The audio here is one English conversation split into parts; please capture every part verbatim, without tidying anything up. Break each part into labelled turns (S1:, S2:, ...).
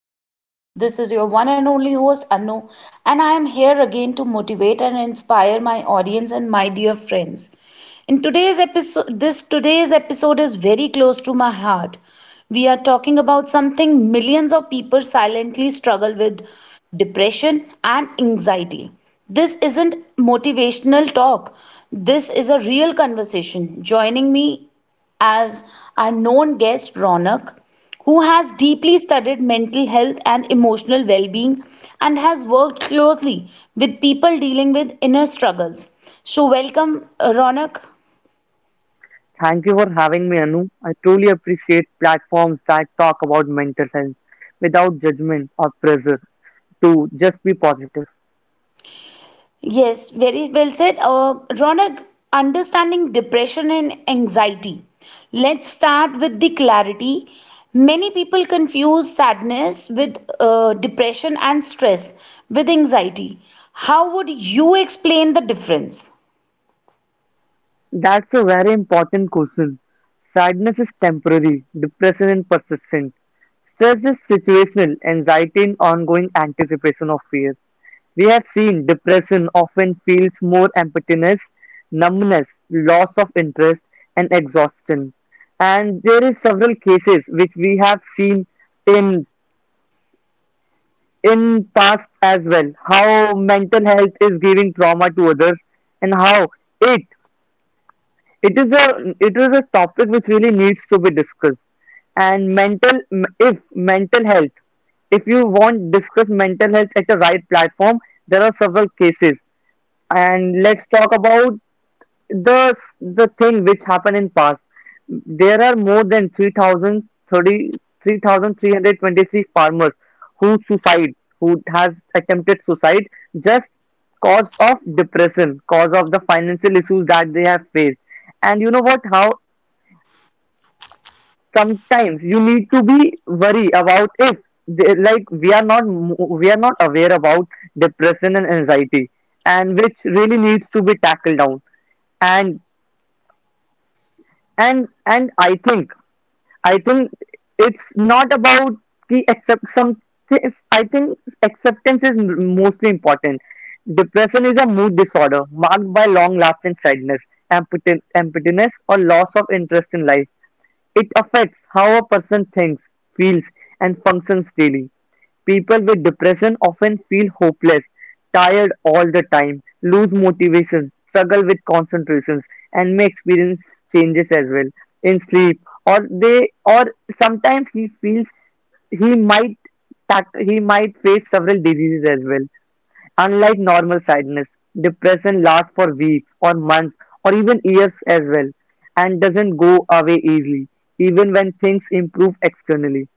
S1: The Anu Show. This is your one and only host, Anu, and I am here again to motivate and inspire my audience and my dear friends. In today's episode, this today's episode is very close to my heart. We are talking about something millions of people silently struggle with: depression and anxiety. This isn't motivational talk, this is a real conversation. Joining me as our known guest Ronak, who has deeply studied mental health and emotional well being, and has worked closely with people dealing with inner struggles. So, welcome, uh, Ronak.
S2: Thank you for having me, Anu. I truly appreciate platforms that talk about mental health without judgment or pressure to just be positive.
S1: Yes, very well said. Uh, Ronak, understanding depression and anxiety. Let's start with the clarity. Many people confuse sadness with uh, depression, and stress with anxiety. How would you explain the difference?
S2: That's a very important question. Sadness is temporary, depression is persistent. Stress is situational, anxiety and ongoing anticipation of fear. We have seen depression often feels more emptiness, numbness, loss of interest, and exhaustion. And there is several cases which we have seen in in past as well, how mental health is giving trauma to others, and how it it is a it is a topic which really needs to be discussed. And mental if mental health if you want discuss mental health at the right platform, there are several cases. And let's talk about the the thing which happened in past. There are more than three thousand thirty three thousand three hundred twenty three farmers who suicide, who has attempted suicide, just cause of depression, cause of the financial issues that they have faced. And you know what, how sometimes you need to be worry about if they, like, we are not mo- we are not aware about depression and anxiety, and which really needs to be tackled down. And and and I think I think it's not about the accept some. thi- I think acceptance is mostly important. Depression is a mood disorder marked by long-lasting sadness, empti- emptiness, or loss of interest in life. It affects how a person thinks, feels, and functions daily. People with depression often feel hopeless, tired all the time, lose motivation, struggle with concentrations, and may experience changes as well in sleep. Or they, or Sometimes he feels he might tack- he might face several diseases as well. Unlike normal sadness, depression lasts for weeks or months or even years as well, and doesn't go away easily, even when things improve externally.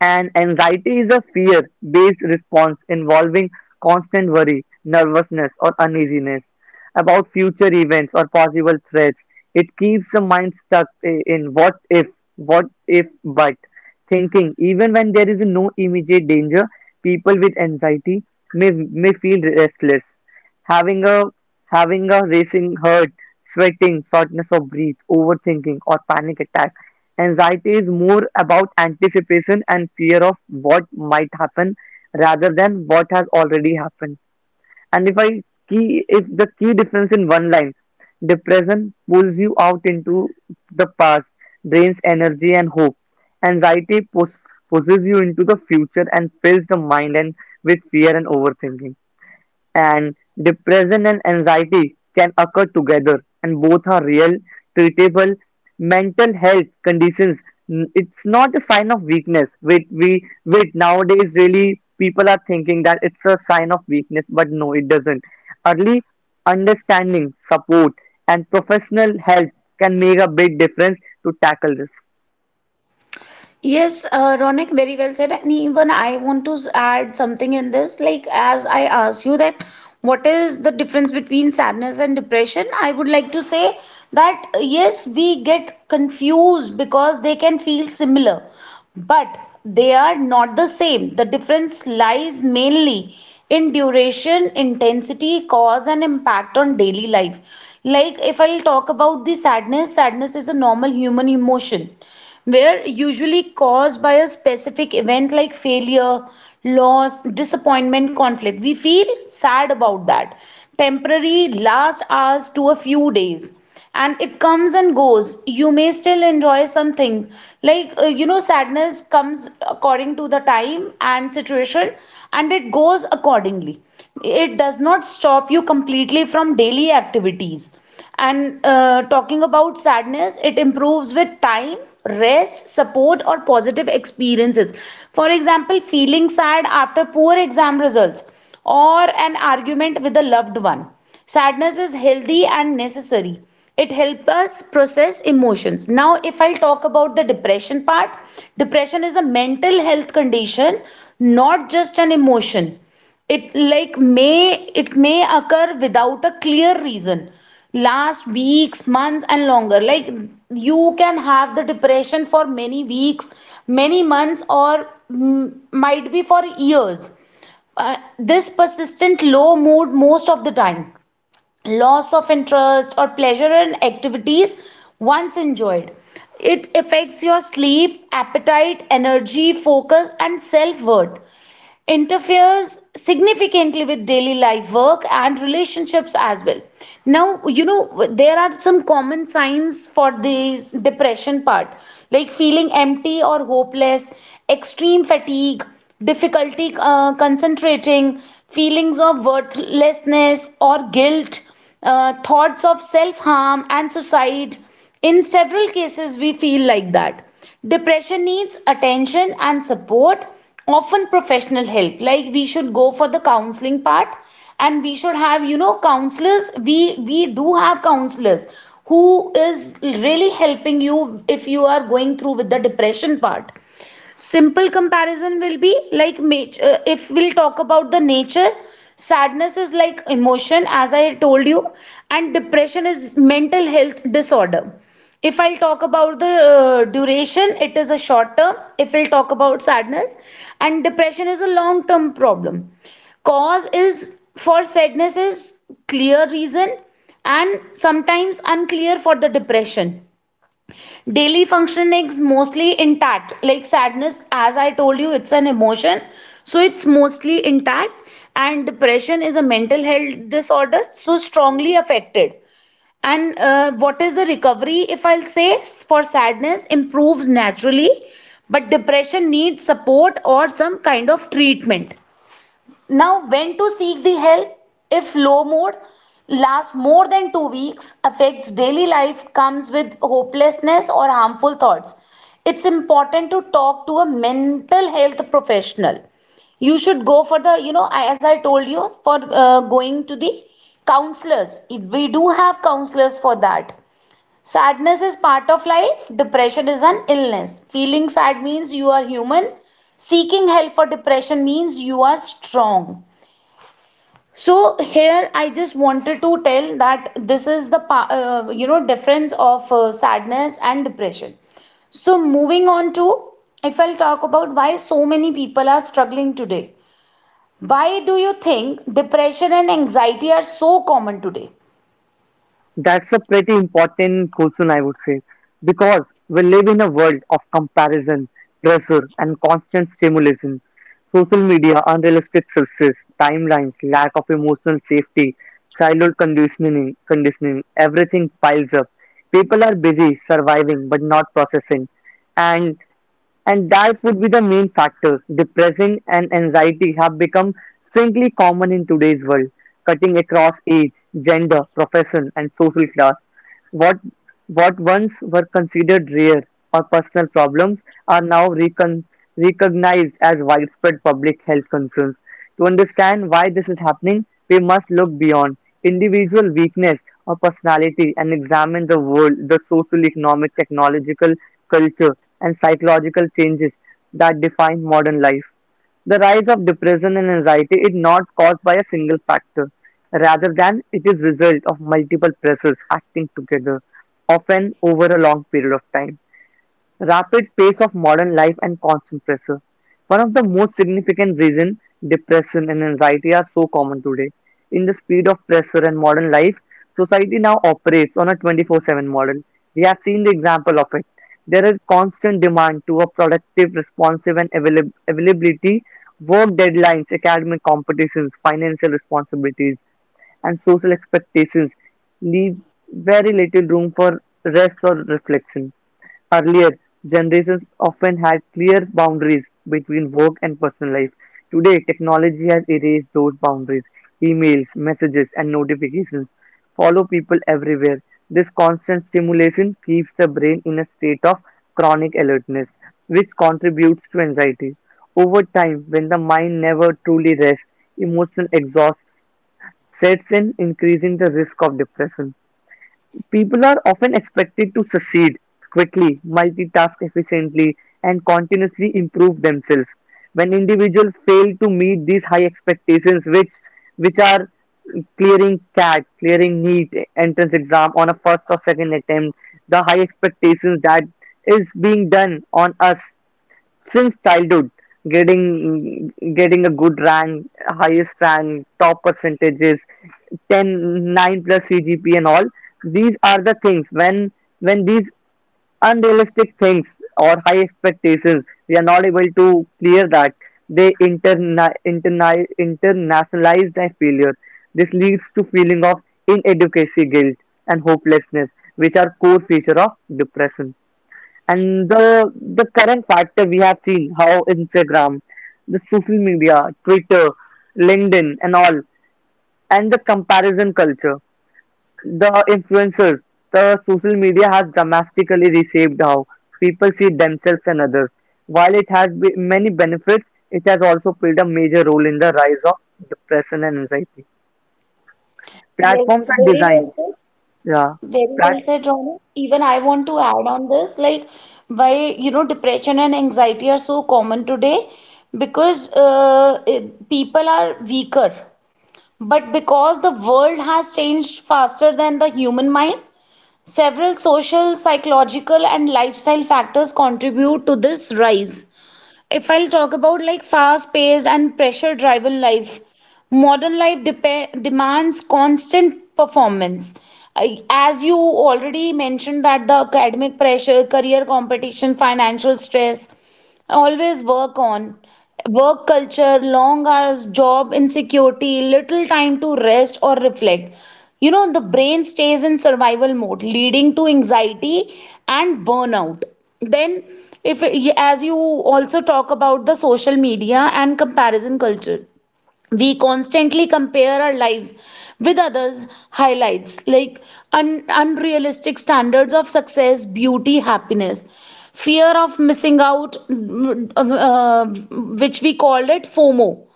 S2: And anxiety is a fear based response involving constant worry, nervousness, or uneasiness about future events or possible threats. It keeps the mind stuck i- in what if, what if, but thinking. Even when there is no immediate danger, people with anxiety may, may feel restless, Having a having a racing heart, sweating, shortness of breath, overthinking, or panic attack. Anxiety is more about anticipation and fear of what might happen rather than what has already happened. And if I key If the key difference in one line, depression pulls you out into the past, drains energy and hope. Anxiety pus- pushes you into the future and fills the mind and with fear and overthinking. And depression and anxiety can occur together, and both are real, treatable mental health conditions. N- it's not a sign of weakness. Wait we wait, nowadays really people are thinking that it's a sign of weakness, but no, it doesn't. Early understanding, support, and professional help can make a big difference to tackle this.
S1: Yes, uh, Ronak, very well said. And even I want to s- add something in this. Like, as I asked you, that what is the difference between sadness and depression? I would like to say that uh, yes, we get confused because they can feel similar, but they are not the same. The difference lies mainly in duration, intensity, cause, and impact on daily life. Like, if I'll talk about the sadness, sadness is a normal human emotion, were usually caused by a specific event like failure, loss, disappointment, conflict. We feel sad about that. Temporary, last hours to a few days. And it comes and goes. You may still enjoy some things. Like, uh, you know, sadness comes according to the time and situation, and it goes accordingly. It does not stop you completely from daily activities. And uh, talking about sadness, it improves with time, rest, support, or positive experiences. For example, feeling sad after poor exam results or an argument with a loved one. Sadness is healthy and necessary. It helps us process emotions. Now, if I'll talk about the depression part, depression is a mental health condition, not just an emotion. It like may it may occur without a clear reason, last weeks, months, and longer. Like, you can have the depression for many weeks, many months, or mm, might be for years. Uh, this persistent low mood most of the time, loss of interest or pleasure in activities once enjoyed. It affects your sleep, appetite, energy, focus, and self-worth. Interferes significantly with daily life, work, and relationships as well. Now, you know, there are some common signs for this depression part, like feeling empty or hopeless, extreme fatigue, difficulty uh, concentrating, feelings of worthlessness or guilt, uh, thoughts of self harm and suicide. In several cases, we feel like that. Depression needs attention and support, often professional help. Like, we should go for the counseling part, and we should have, you know, counselors. We we do have counselors who is really helping you if you are going through with the depression part. Simple comparison will be like nature. If we'll talk about the nature, sadness is like emotion, as I told you, and depression is mental health disorder. If I'll talk about the uh, duration, it is a short term if we'll talk about sadness, and depression is a long term problem. Cause is, for sadness is clear reason, and sometimes unclear for the depression. Daily functioning is mostly intact, like sadness, as I told you, it's an emotion, so it's mostly intact. And depression is a mental health disorder, so strongly affected. And uh, what is the recovery if I'll say? For sadness, improves naturally, but depression needs support or some kind of treatment. Now, when to seek the help? If low mood lasts more than two weeks, affects daily life, comes with hopelessness or harmful thoughts, it's important to talk to a mental health professional. You should go for the, you know, as I told you, for uh, going to the counselors. We do have counselors for that. Sadness is part of life, depression is an illness. Feeling sad means you are human. Seeking help for depression means you are strong. So here I just wanted to tell that this is the uh, you know difference of uh, sadness and depression. So moving on to, if I'll talk about why so many people are struggling today. Why do you think depression and anxiety are so common today?
S2: That's a pretty important question, I would say, because we live in a world of comparison, pressure, and constant stimulation. Social media, unrealistic success, timelines, lack of emotional safety, childhood conditioning, conditioning, everything piles up. People are busy surviving but not processing. And and That would be the main factors. Depression and anxiety have become strangely common in today's world, cutting across age, gender, profession, and social class. What what once were considered rare or personal problems are now recon- recognized as widespread public health concerns. To understand why this is happening, we must look beyond individual weakness or personality and examine the world, the social, economic, technological, culture, and psychological changes that define modern life. The rise of depression and anxiety is not caused by a single factor, rather than it is result of multiple pressures acting together, often over a long period of time. Rapid pace of modern life and constant pressure. One of the most significant reasons depression and anxiety are so common today. In the speed of pressure and modern life, society now operates on a twenty four seven model. We have seen the example of it. There is constant demand to a productive, responsive, and availab- availability, work deadlines, academic competitions, financial responsibilities, and social expectations leave very little room for rest or reflection. Earlier, generations often had clear boundaries between work and personal life. Today, technology has erased those boundaries. Emails, messages, and notifications follow people everywhere. This constant stimulation keeps the brain in a state of chronic alertness, which contributes to anxiety. Over time, when the mind never truly rests, emotional exhaustion sets in, increasing the risk of depression. People are often expected to succeed quickly, multitask efficiently, and continuously improve themselves. When individuals fail to meet these high expectations, which which are clearing CAT, clearing NEET entrance exam on a first or second attempt, the high expectations that is being done on us since childhood, getting getting a good rank, highest rank, top percentages, ten, nine plus cgp and all. These are the things, when when these unrealistic things or high expectations we are not able to clear that, they interna- interna- internationalize their failure. This leads to feeling of inadequacy, guilt, and hopelessness, which are core feature of depression. And the the current factor, we have seen how Instagram, the social media, Twitter, LinkedIn, and all, and the comparison culture, the influencers, the social media has dramatically reshaped how people see themselves and others. While it has be- many benefits, it has also played a major role in the rise of depression and anxiety.
S1: Yes,
S2: Platforms are
S1: very well
S2: designed,
S1: said.
S2: yeah.
S1: Very well said, Ronak. Even I want to add on this, like, why you know depression and anxiety are so common today? Because uh, it, people are weaker. But because the world has changed faster than the human mind, several social, psychological, and lifestyle factors contribute to this rise. If I'll talk about, like, fast paced and pressure driven life, modern life depe- demands constant performance. I- As you already mentioned, that the academic pressure, career competition, financial stress, always work on work culture, long hours, job insecurity, little time to rest or reflect. You know, the brain stays in survival mode, leading to anxiety and burnout. Then, if as you also talk about the social media and comparison culture, we constantly compare our lives with others' highlights, like un- unrealistic standards of success, beauty, happiness, fear of missing out, mm, uh, which we call it FOMO.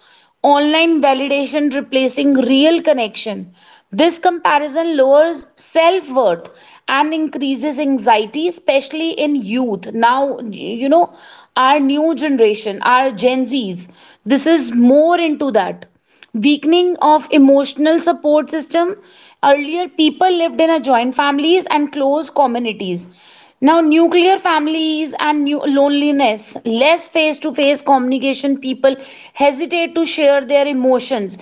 S1: Online validation replacing real connection. This comparison lowers self worth and increases anxiety, especially in youth. Now, you know, our new generation, our Gen Zs, this is more into that. Weakening of emotional support system: earlier, people lived in a joint families and close communities. Now, nuclear families and new loneliness, less face to face communication. People hesitate to share their emotions.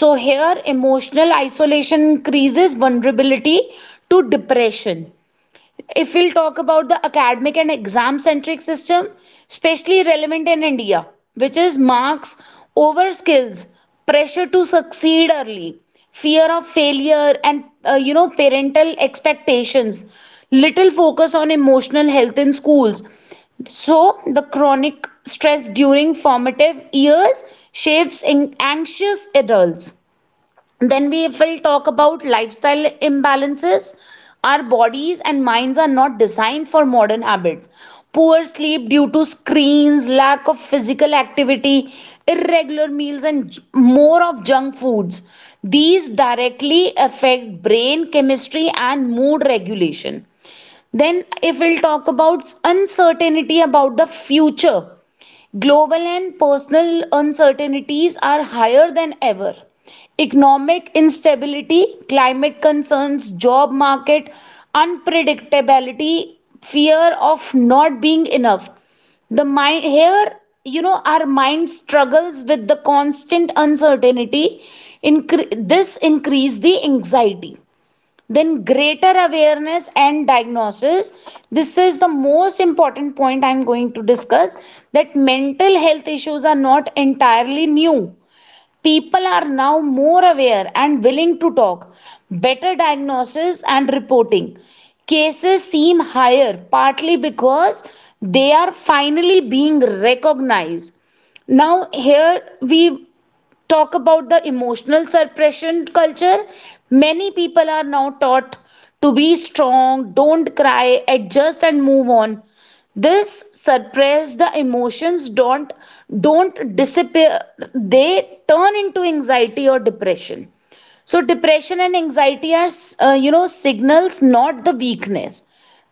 S1: So here, emotional isolation increases vulnerability to depression. If we'll talk about the academic and exam centric system, especially relevant in India, which is marks over skills, pressure to succeed early, fear of failure, and uh, you know, parental expectations, little focus on emotional health in schools. So, the chronic stress during formative years shapes in anxious adults. Then we will talk about lifestyle imbalances. Our bodies and minds are not designed for modern habits. Poor sleep due to screens, lack of physical activity, irregular meals, and more of junk foods. These directly affect brain chemistry and mood regulation. Then, if we'll talk about uncertainty about the future, global and personal uncertainties are higher than ever. Economic instability, climate concerns, job market unpredictability, fear of not being enough. The mind here, you know, our mind struggles with the constant uncertainty. Incre- this increase the anxiety. Then, greater awareness and diagnosis, this is the most important point I'm going to discuss. That mental health issues are not entirely new, people are now more aware and willing to talk. Better diagnosis and reporting, cases seem higher partly because they are finally being recognized. Now here we talk about the emotional suppression culture. Many people are now taught to be strong, don't cry, adjust, and move on. This suppress the emotions, don't don't disappear, they turn into anxiety or depression. So depression and anxiety are, uh, you know signals, not the weakness.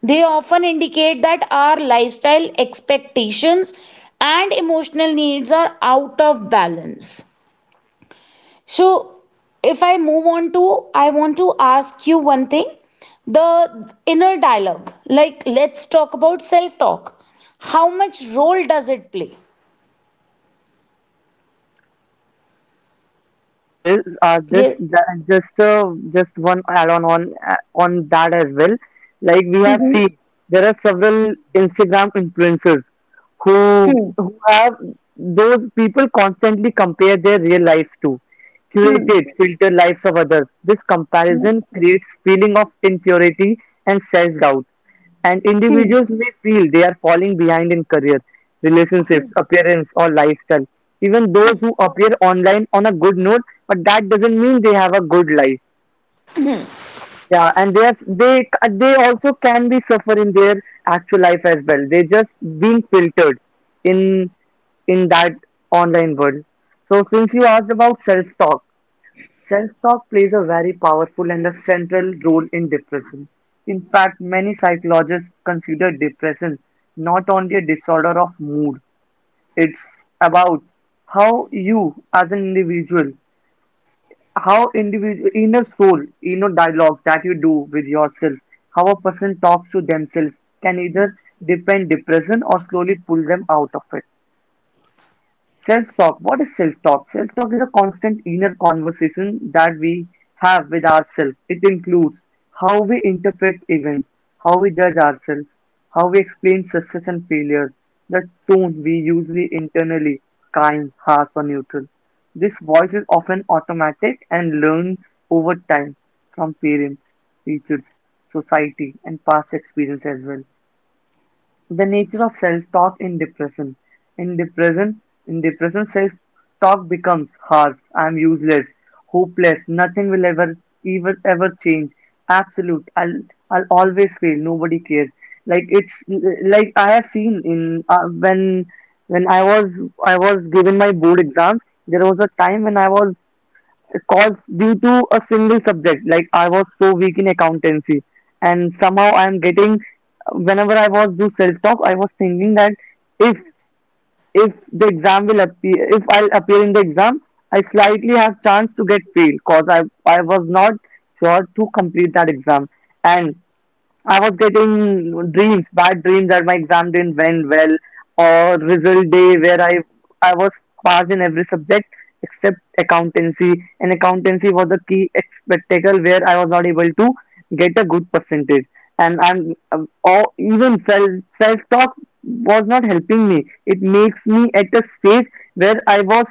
S1: They often indicate that our lifestyle, expectations, and emotional needs are out of balance. So, if I move on to, I want to ask you one thing, the inner dialogue. Like, let's talk about self talk. How much role does it play?
S2: This, uh, this,
S1: Yes.
S2: ju- just, uh, just one add-on on uh, on that as well. Like we have
S1: Mm-hmm.
S2: seen, there are several Instagram influencers, who
S1: Hmm.
S2: who have those people constantly compare their real lives to
S1: Hmm.
S2: curated, filtered lives of others. This
S1: Hmm.
S2: comparison creates feeling of inferiority and self-doubt, and
S1: Hmm.
S2: individuals may feel they are falling behind in career, relationships, appearance, or lifestyle. Even those
S1: Hmm.
S2: who appear online on a good note, but that doesn't mean they have a good life. Yeah, and they they they also can be suffer in their actual life as well. They just being filtered in in that online world. So since you asked about self talk, self talk plays a very powerful and a central role in depression. In fact, many psychologists consider depression not only a disorder of mood. It's about how you as an individual how individual inner soul, inner dialogue that you do with yourself, how a person talks to themselves can either deepen depression or slowly pull them out of it. Self talk. What is self talk? Self talk is a constant inner conversation that we have with ourselves. It includes how we interpret events, how we judge ourselves, how we explain success and failures, the tone we usually internally, kind, harsh, or neutral. This voice is often automatic and learned over time from parents, teachers, society, and past experience as well. The nature of self-talk in depression: In depression, in depression, self-talk becomes harsh. "I'm useless, hopeless, nothing will ever, ever, ever change, absolute, I'll, I'll always fail, nobody cares." Like it's like I have seen in uh, when when I was I was given my board exams, there was a time when I was, cause due to a single subject, like I was so weak in accountancy, and somehow I am getting. Whenever I was do self talk, I was thinking that if if the exam will appear, if I'll appear in the exam, I slightly have chance to get fail, cause i i was not sure to complete that exam. And I was getting dreams, bad dreams, that my exam didn't went well, or result day where I I was passed in every subject except accountancy, and accountancy was a key spectacle where I was not able to get a good percentage, and I'm um, or even self self talk was not helping me. It makes me at a stage where I was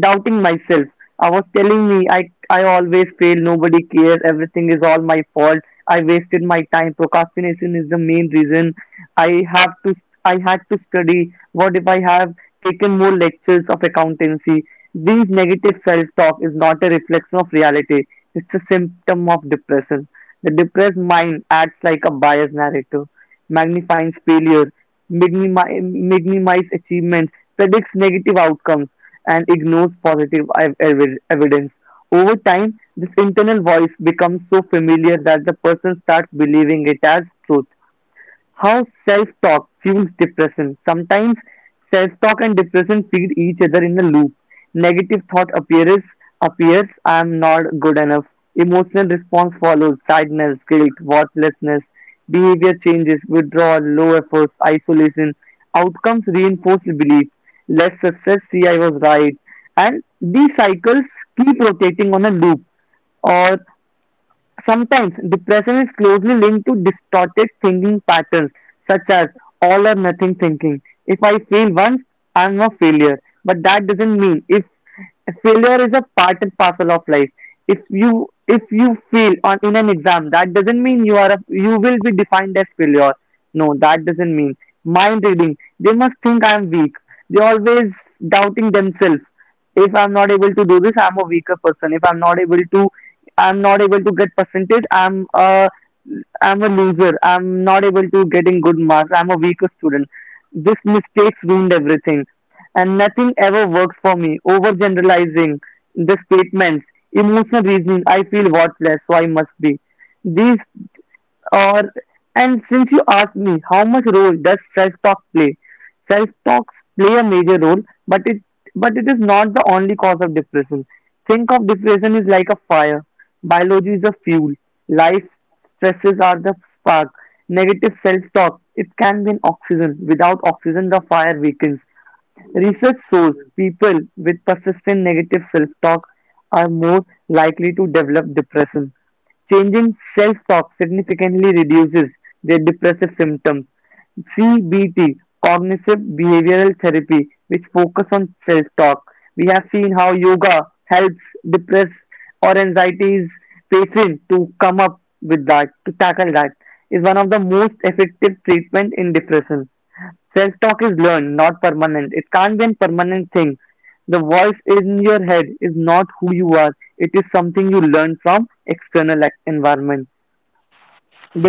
S2: doubting myself. I was telling me, I I always fail, nobody cares, everything is all my fault, I wasted my time. Procrastination is the main reason. I have to. I had to study. What if I have taken more lectures of accountancy? These negative self-talk is not a reflection of reality. It's a symptom of depression. The depressed mind acts like a biased narrator, magnifies failure, minimi- minimizes achievements, predicts negative outcomes, and ignores positive ev- ev- evidence. Over time, this internal voice becomes so familiar that the person starts believing it as truth. How self-talk fuels depression. Sometimes self-talk and depression feed each other in a loop. Negative thought appears, appears, I am not good enough. Emotional response follows, sadness, guilt, worthlessness, behavior changes, withdrawal, low efforts, isolation. Outcomes reinforce the belief, less success, see, I was right. And these cycles keep rotating on a loop. Or sometimes depression is closely linked to distorted thinking patterns such as all or nothing thinking. If I fail once, I'm a failure. But that doesn't mean, if failure is a part and parcel of life. If you if you fail on in an exam, that doesn't mean you are a, you will be defined as failure. No, that doesn't mean mind reading. They must think I'm weak. They always doubting themselves if I'm not able to do this, I'm a weaker person. If I'm not able to, I'm not able to get percentage. I'm a, I'm a loser. I'm not able to getting good marks. I'm a weaker student. This mistakes ruined everything, and nothing ever works for me. Overgeneralizing the statements, emotional reasoning. I feel worthless, so I must be. These or and since you asked me, how much role does self-talk play? Self-talks play a major role, but it but it is not the only cause of depression. Think of depression is like a fire. Biology is the fuel. Life stresses are the spark. Negative self-talk, it can be an oxygen. Without oxygen, the fire weakens. Research shows people with persistent negative self-talk are more likely to develop depression. Changing self-talk significantly reduces their depressive symptoms. C B T, cognitive behavioral therapy, which focus on self-talk. We have seen how yoga helps depressed or anxieties patient to come up with that, to tackle that, is one of the most effective treatment in depression. Self-talk is learned, not permanent. It can't be a permanent thing. The voice in your head is not who you are. It is something you learn from external like, environment.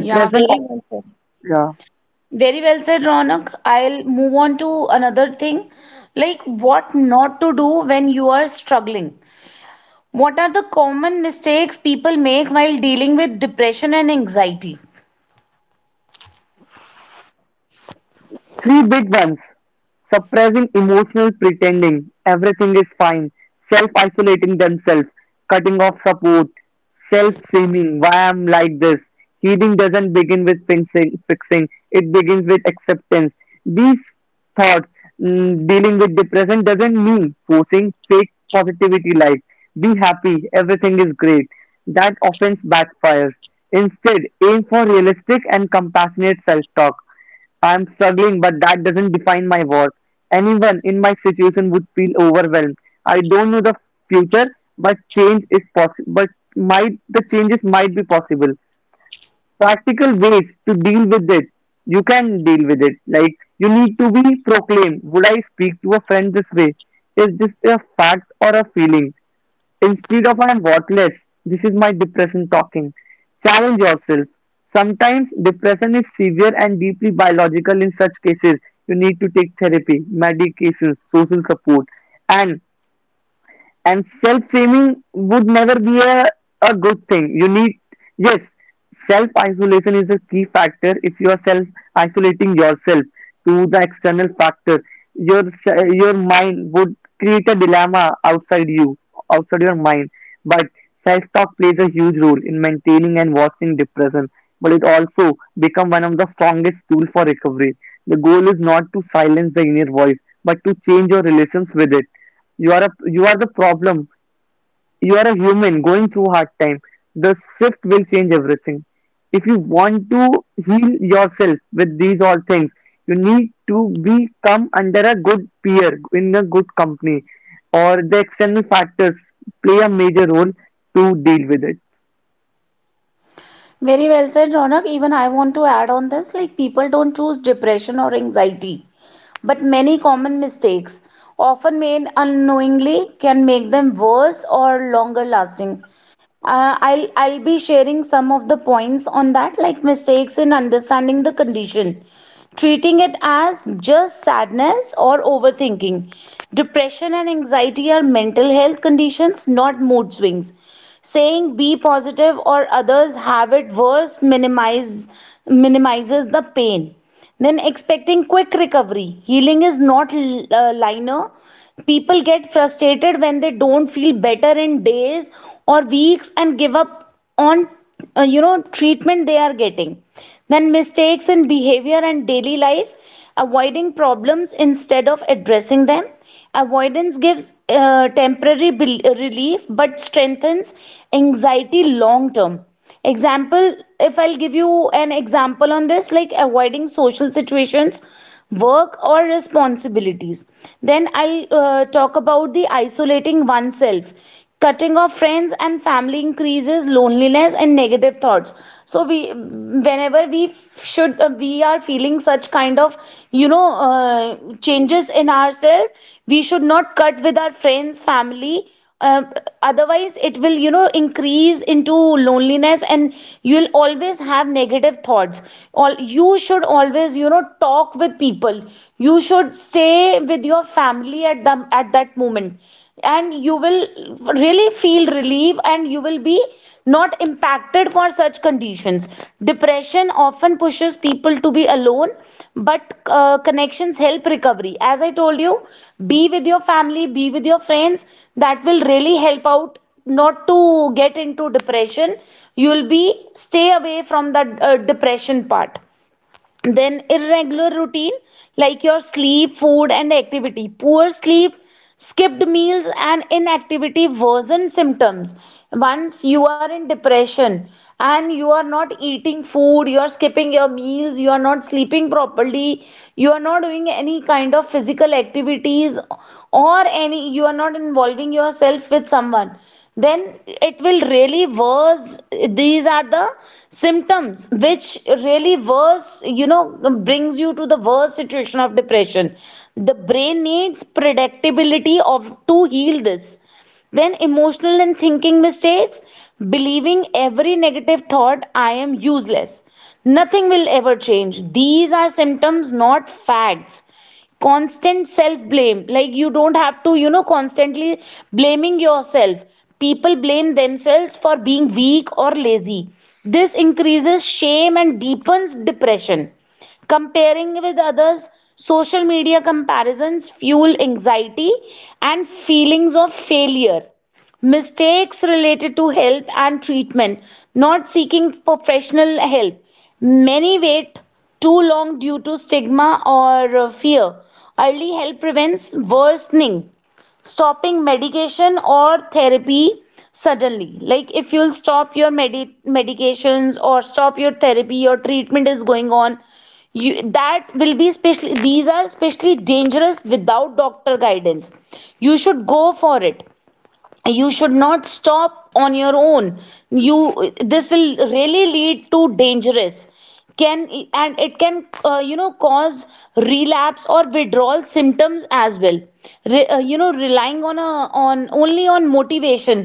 S1: Yeah, very
S2: of-
S1: well said.
S2: yeah.
S1: Very well said, Ronak. I'll move on to another thing, like what not to do when you are struggling. What are the common mistakes people make while dealing with depression and anxiety?
S2: Three big ones. Suppressing emotional pretending everything is fine, self isolating themselves, cutting off support, self shaming, why I'm like this. Healing doesn't begin with fixing, fixing, it begins with acceptance. These thoughts, mm, Dealing with depression doesn't mean forcing fake positivity like be happy, everything is great. That offense backfires. Instead, aim for realistic and compassionate self talk. I'm struggling, but that doesn't define my worth. Anyone in my situation would feel overwhelmed. I don't know the future, but change is possible. But might the changes might be possible. Practical ways to deal with it. You can deal with it. Like you need to be proclaimed. Would I speak to a friend this way? Is this a fact or a feeling? Instead of I am worthless, this is my depression talking. Challenge yourself. Sometimes depression is severe and deeply biological. In such cases, you need to take therapy, medications, social support, and and self shaming would never be a, a good thing you need yes self isolation is a key factor if you are self isolating yourself to the external factor your s- your mind would create a dilemma outside you outside your mind but self talk plays a huge role in maintaining and watching depression but it also become one of the strongest tool for recovery the goal is not to silence the inner voice but to change your relations with it you are a you are the problem. You are a human going through hard time. The shift will change everything. If you want to heal yourself with these all things, you need to become under a good peer in a good company, or the external factors play a major role to deal with it.
S1: Very well said, Ronak. Even I want to add on this, like, people don't choose depression or anxiety, but many common mistakes, often made unknowingly, can make them worse or longer lasting. Uh, I'll, I'll be sharing some of the points on that, like mistakes in understanding the condition, treating it as just sadness or overthinking. Depression and anxiety are mental health conditions, not mood swings. Saying be positive or others have it worse minimize, minimizes the pain. Then expecting quick recovery. Healing is not uh, linear. People get frustrated when they don't feel better in days or weeks and give up on uh, you know treatment they are getting. Then mistakes in behavior and daily life, avoiding problems instead of addressing them. Avoidance gives uh, temporary bel- relief but strengthens anxiety long term. Example, if I'll give you an example on this, like avoiding social situations, work or responsibilities. Then I'll uh, talk about the isolating oneself, cutting off friends and family increases loneliness and negative thoughts. So we whenever we should uh, we are feeling such kind of you know uh, changes in ourselves, we should not cut with our friends, family. uh, Otherwise it will you know increase into loneliness and you'll always have negative thoughts. All, you should always you know talk with people. You should stay with your family at the, at that moment, and you will really feel relief and you will be not impacted for such conditions. Depression often pushes people to be alone, but uh, connections help recovery. As I told you, be with your family, be with your friends. That will really help out, not to get into depression. You'll be, stay away from the uh, depression part. Then irregular routine, like your sleep, food, and activity. Poor sleep, skipped meals, and inactivity worsen symptoms. Once you are in depression and you are not eating food, you are skipping your meals, you are not sleeping properly, you are not doing any kind of physical activities or any, you are not involving yourself with someone, then it will really worse. These are the symptoms which really worse, you know brings you to the worst situation of depression. The brain needs predictability of to heal this. Then emotional and thinking mistakes, believing every negative thought. I am useless, nothing will ever change. These are symptoms, not facts. Constant self blame, like you don't have to, you know constantly blaming yourself. People blame themselves for being weak or lazy. This increases shame and deepens depression. Comparing with others, social media comparisons fuel anxiety and feelings of failure. Mistakes related to help and treatment, not seeking professional help. Many wait too long due to stigma or uh, fear. Early help prevents worsening. Stopping medication or therapy suddenly, like if you'll stop your medi- medications or stop your therapy, your treatment is going on. You, that will be especially, these are especially dangerous without doctor guidance. You should go for it. You should not stop on your own. You, this will really lead to dangerous, can, and it can uh, you know cause relapse or withdrawal symptoms as well. Re, uh, you know Relying on a, on only on motivation.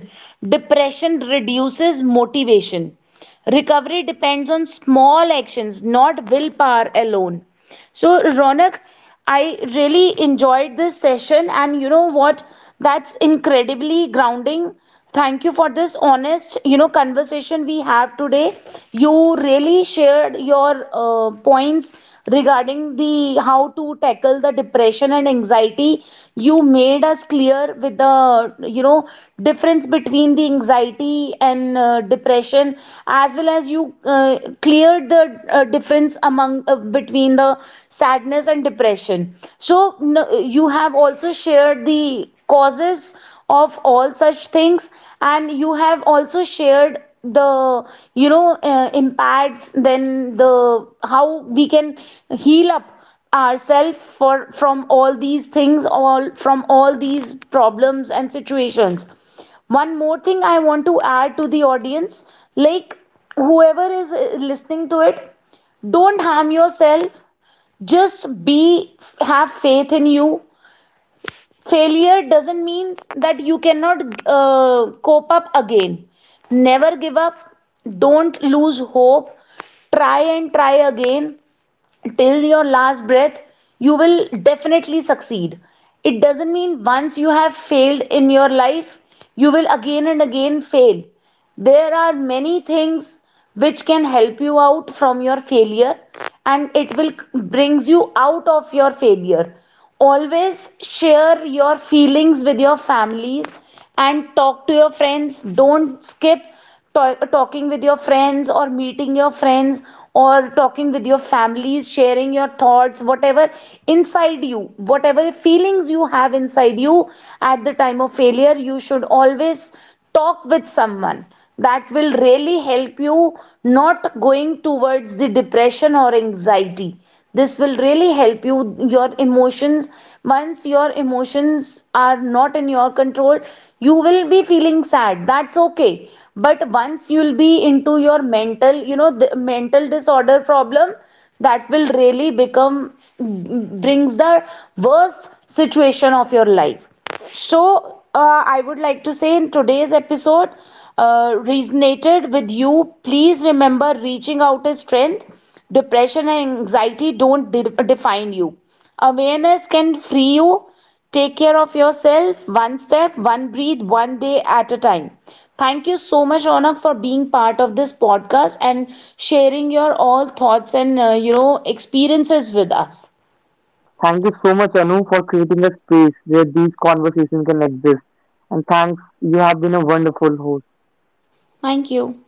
S1: Depression reduces motivation. Recovery depends on small actions, not willpower alone. So, Ronak, I really enjoyed this session, and you know what? That's incredibly grounding. Thank you for this honest, you know, conversation we have today. You really shared your uh, points regarding the how to tackle the depression and anxiety. You made us clear with the, you know, difference between the anxiety and uh, depression, as well as you uh, cleared the uh, difference among among uh, between the sadness and depression. So n- you have also shared the causes of all such things, and you have also shared the you know uh, impacts, then the how we can heal up ourselves for from all these things, all from all these problems and situations. One more thing I want to add to the audience, like whoever is uh, listening to it, don't harm yourself. Just be, have faith in you. Failure doesn't mean that you cannot uh, cope up again. Never give up. Don't lose hope. Try and try again till your last breath. You will definitely succeed. It doesn't mean once you have failed in your life, you will again and again fail. There are many things which can help you out from your failure, and it will brings you out of your failure. Always share your feelings with your families and talk to your friends. Don't skip to- talking with your friends, or meeting your friends, or talking with your families, sharing your thoughts, whatever inside you, whatever feelings you have inside you at the time of failure. You should always talk with someone. That will really help you not going towards the depression or anxiety. This will really help you. Your emotions, once your emotions are not in your control, you will be feeling sad, that's okay. But once you'll be into your mental, you know the mental disorder problem, that will really become, brings the worst situation of your life. So, uh, I would like to say in today's episode, uh, resonated with you. Please remember, reaching out is strength. Depression and anxiety don't de- define you. Awareness can free you. Take care of yourself, one step, one breathe, one day at a time. Thank you so much, Onak, for being part of this podcast and sharing your all thoughts and uh, you know experiences with us.
S3: Thank you so much, Anu, for creating a space where these conversations can exist. And thanks, you have been a wonderful host.
S1: Thank you.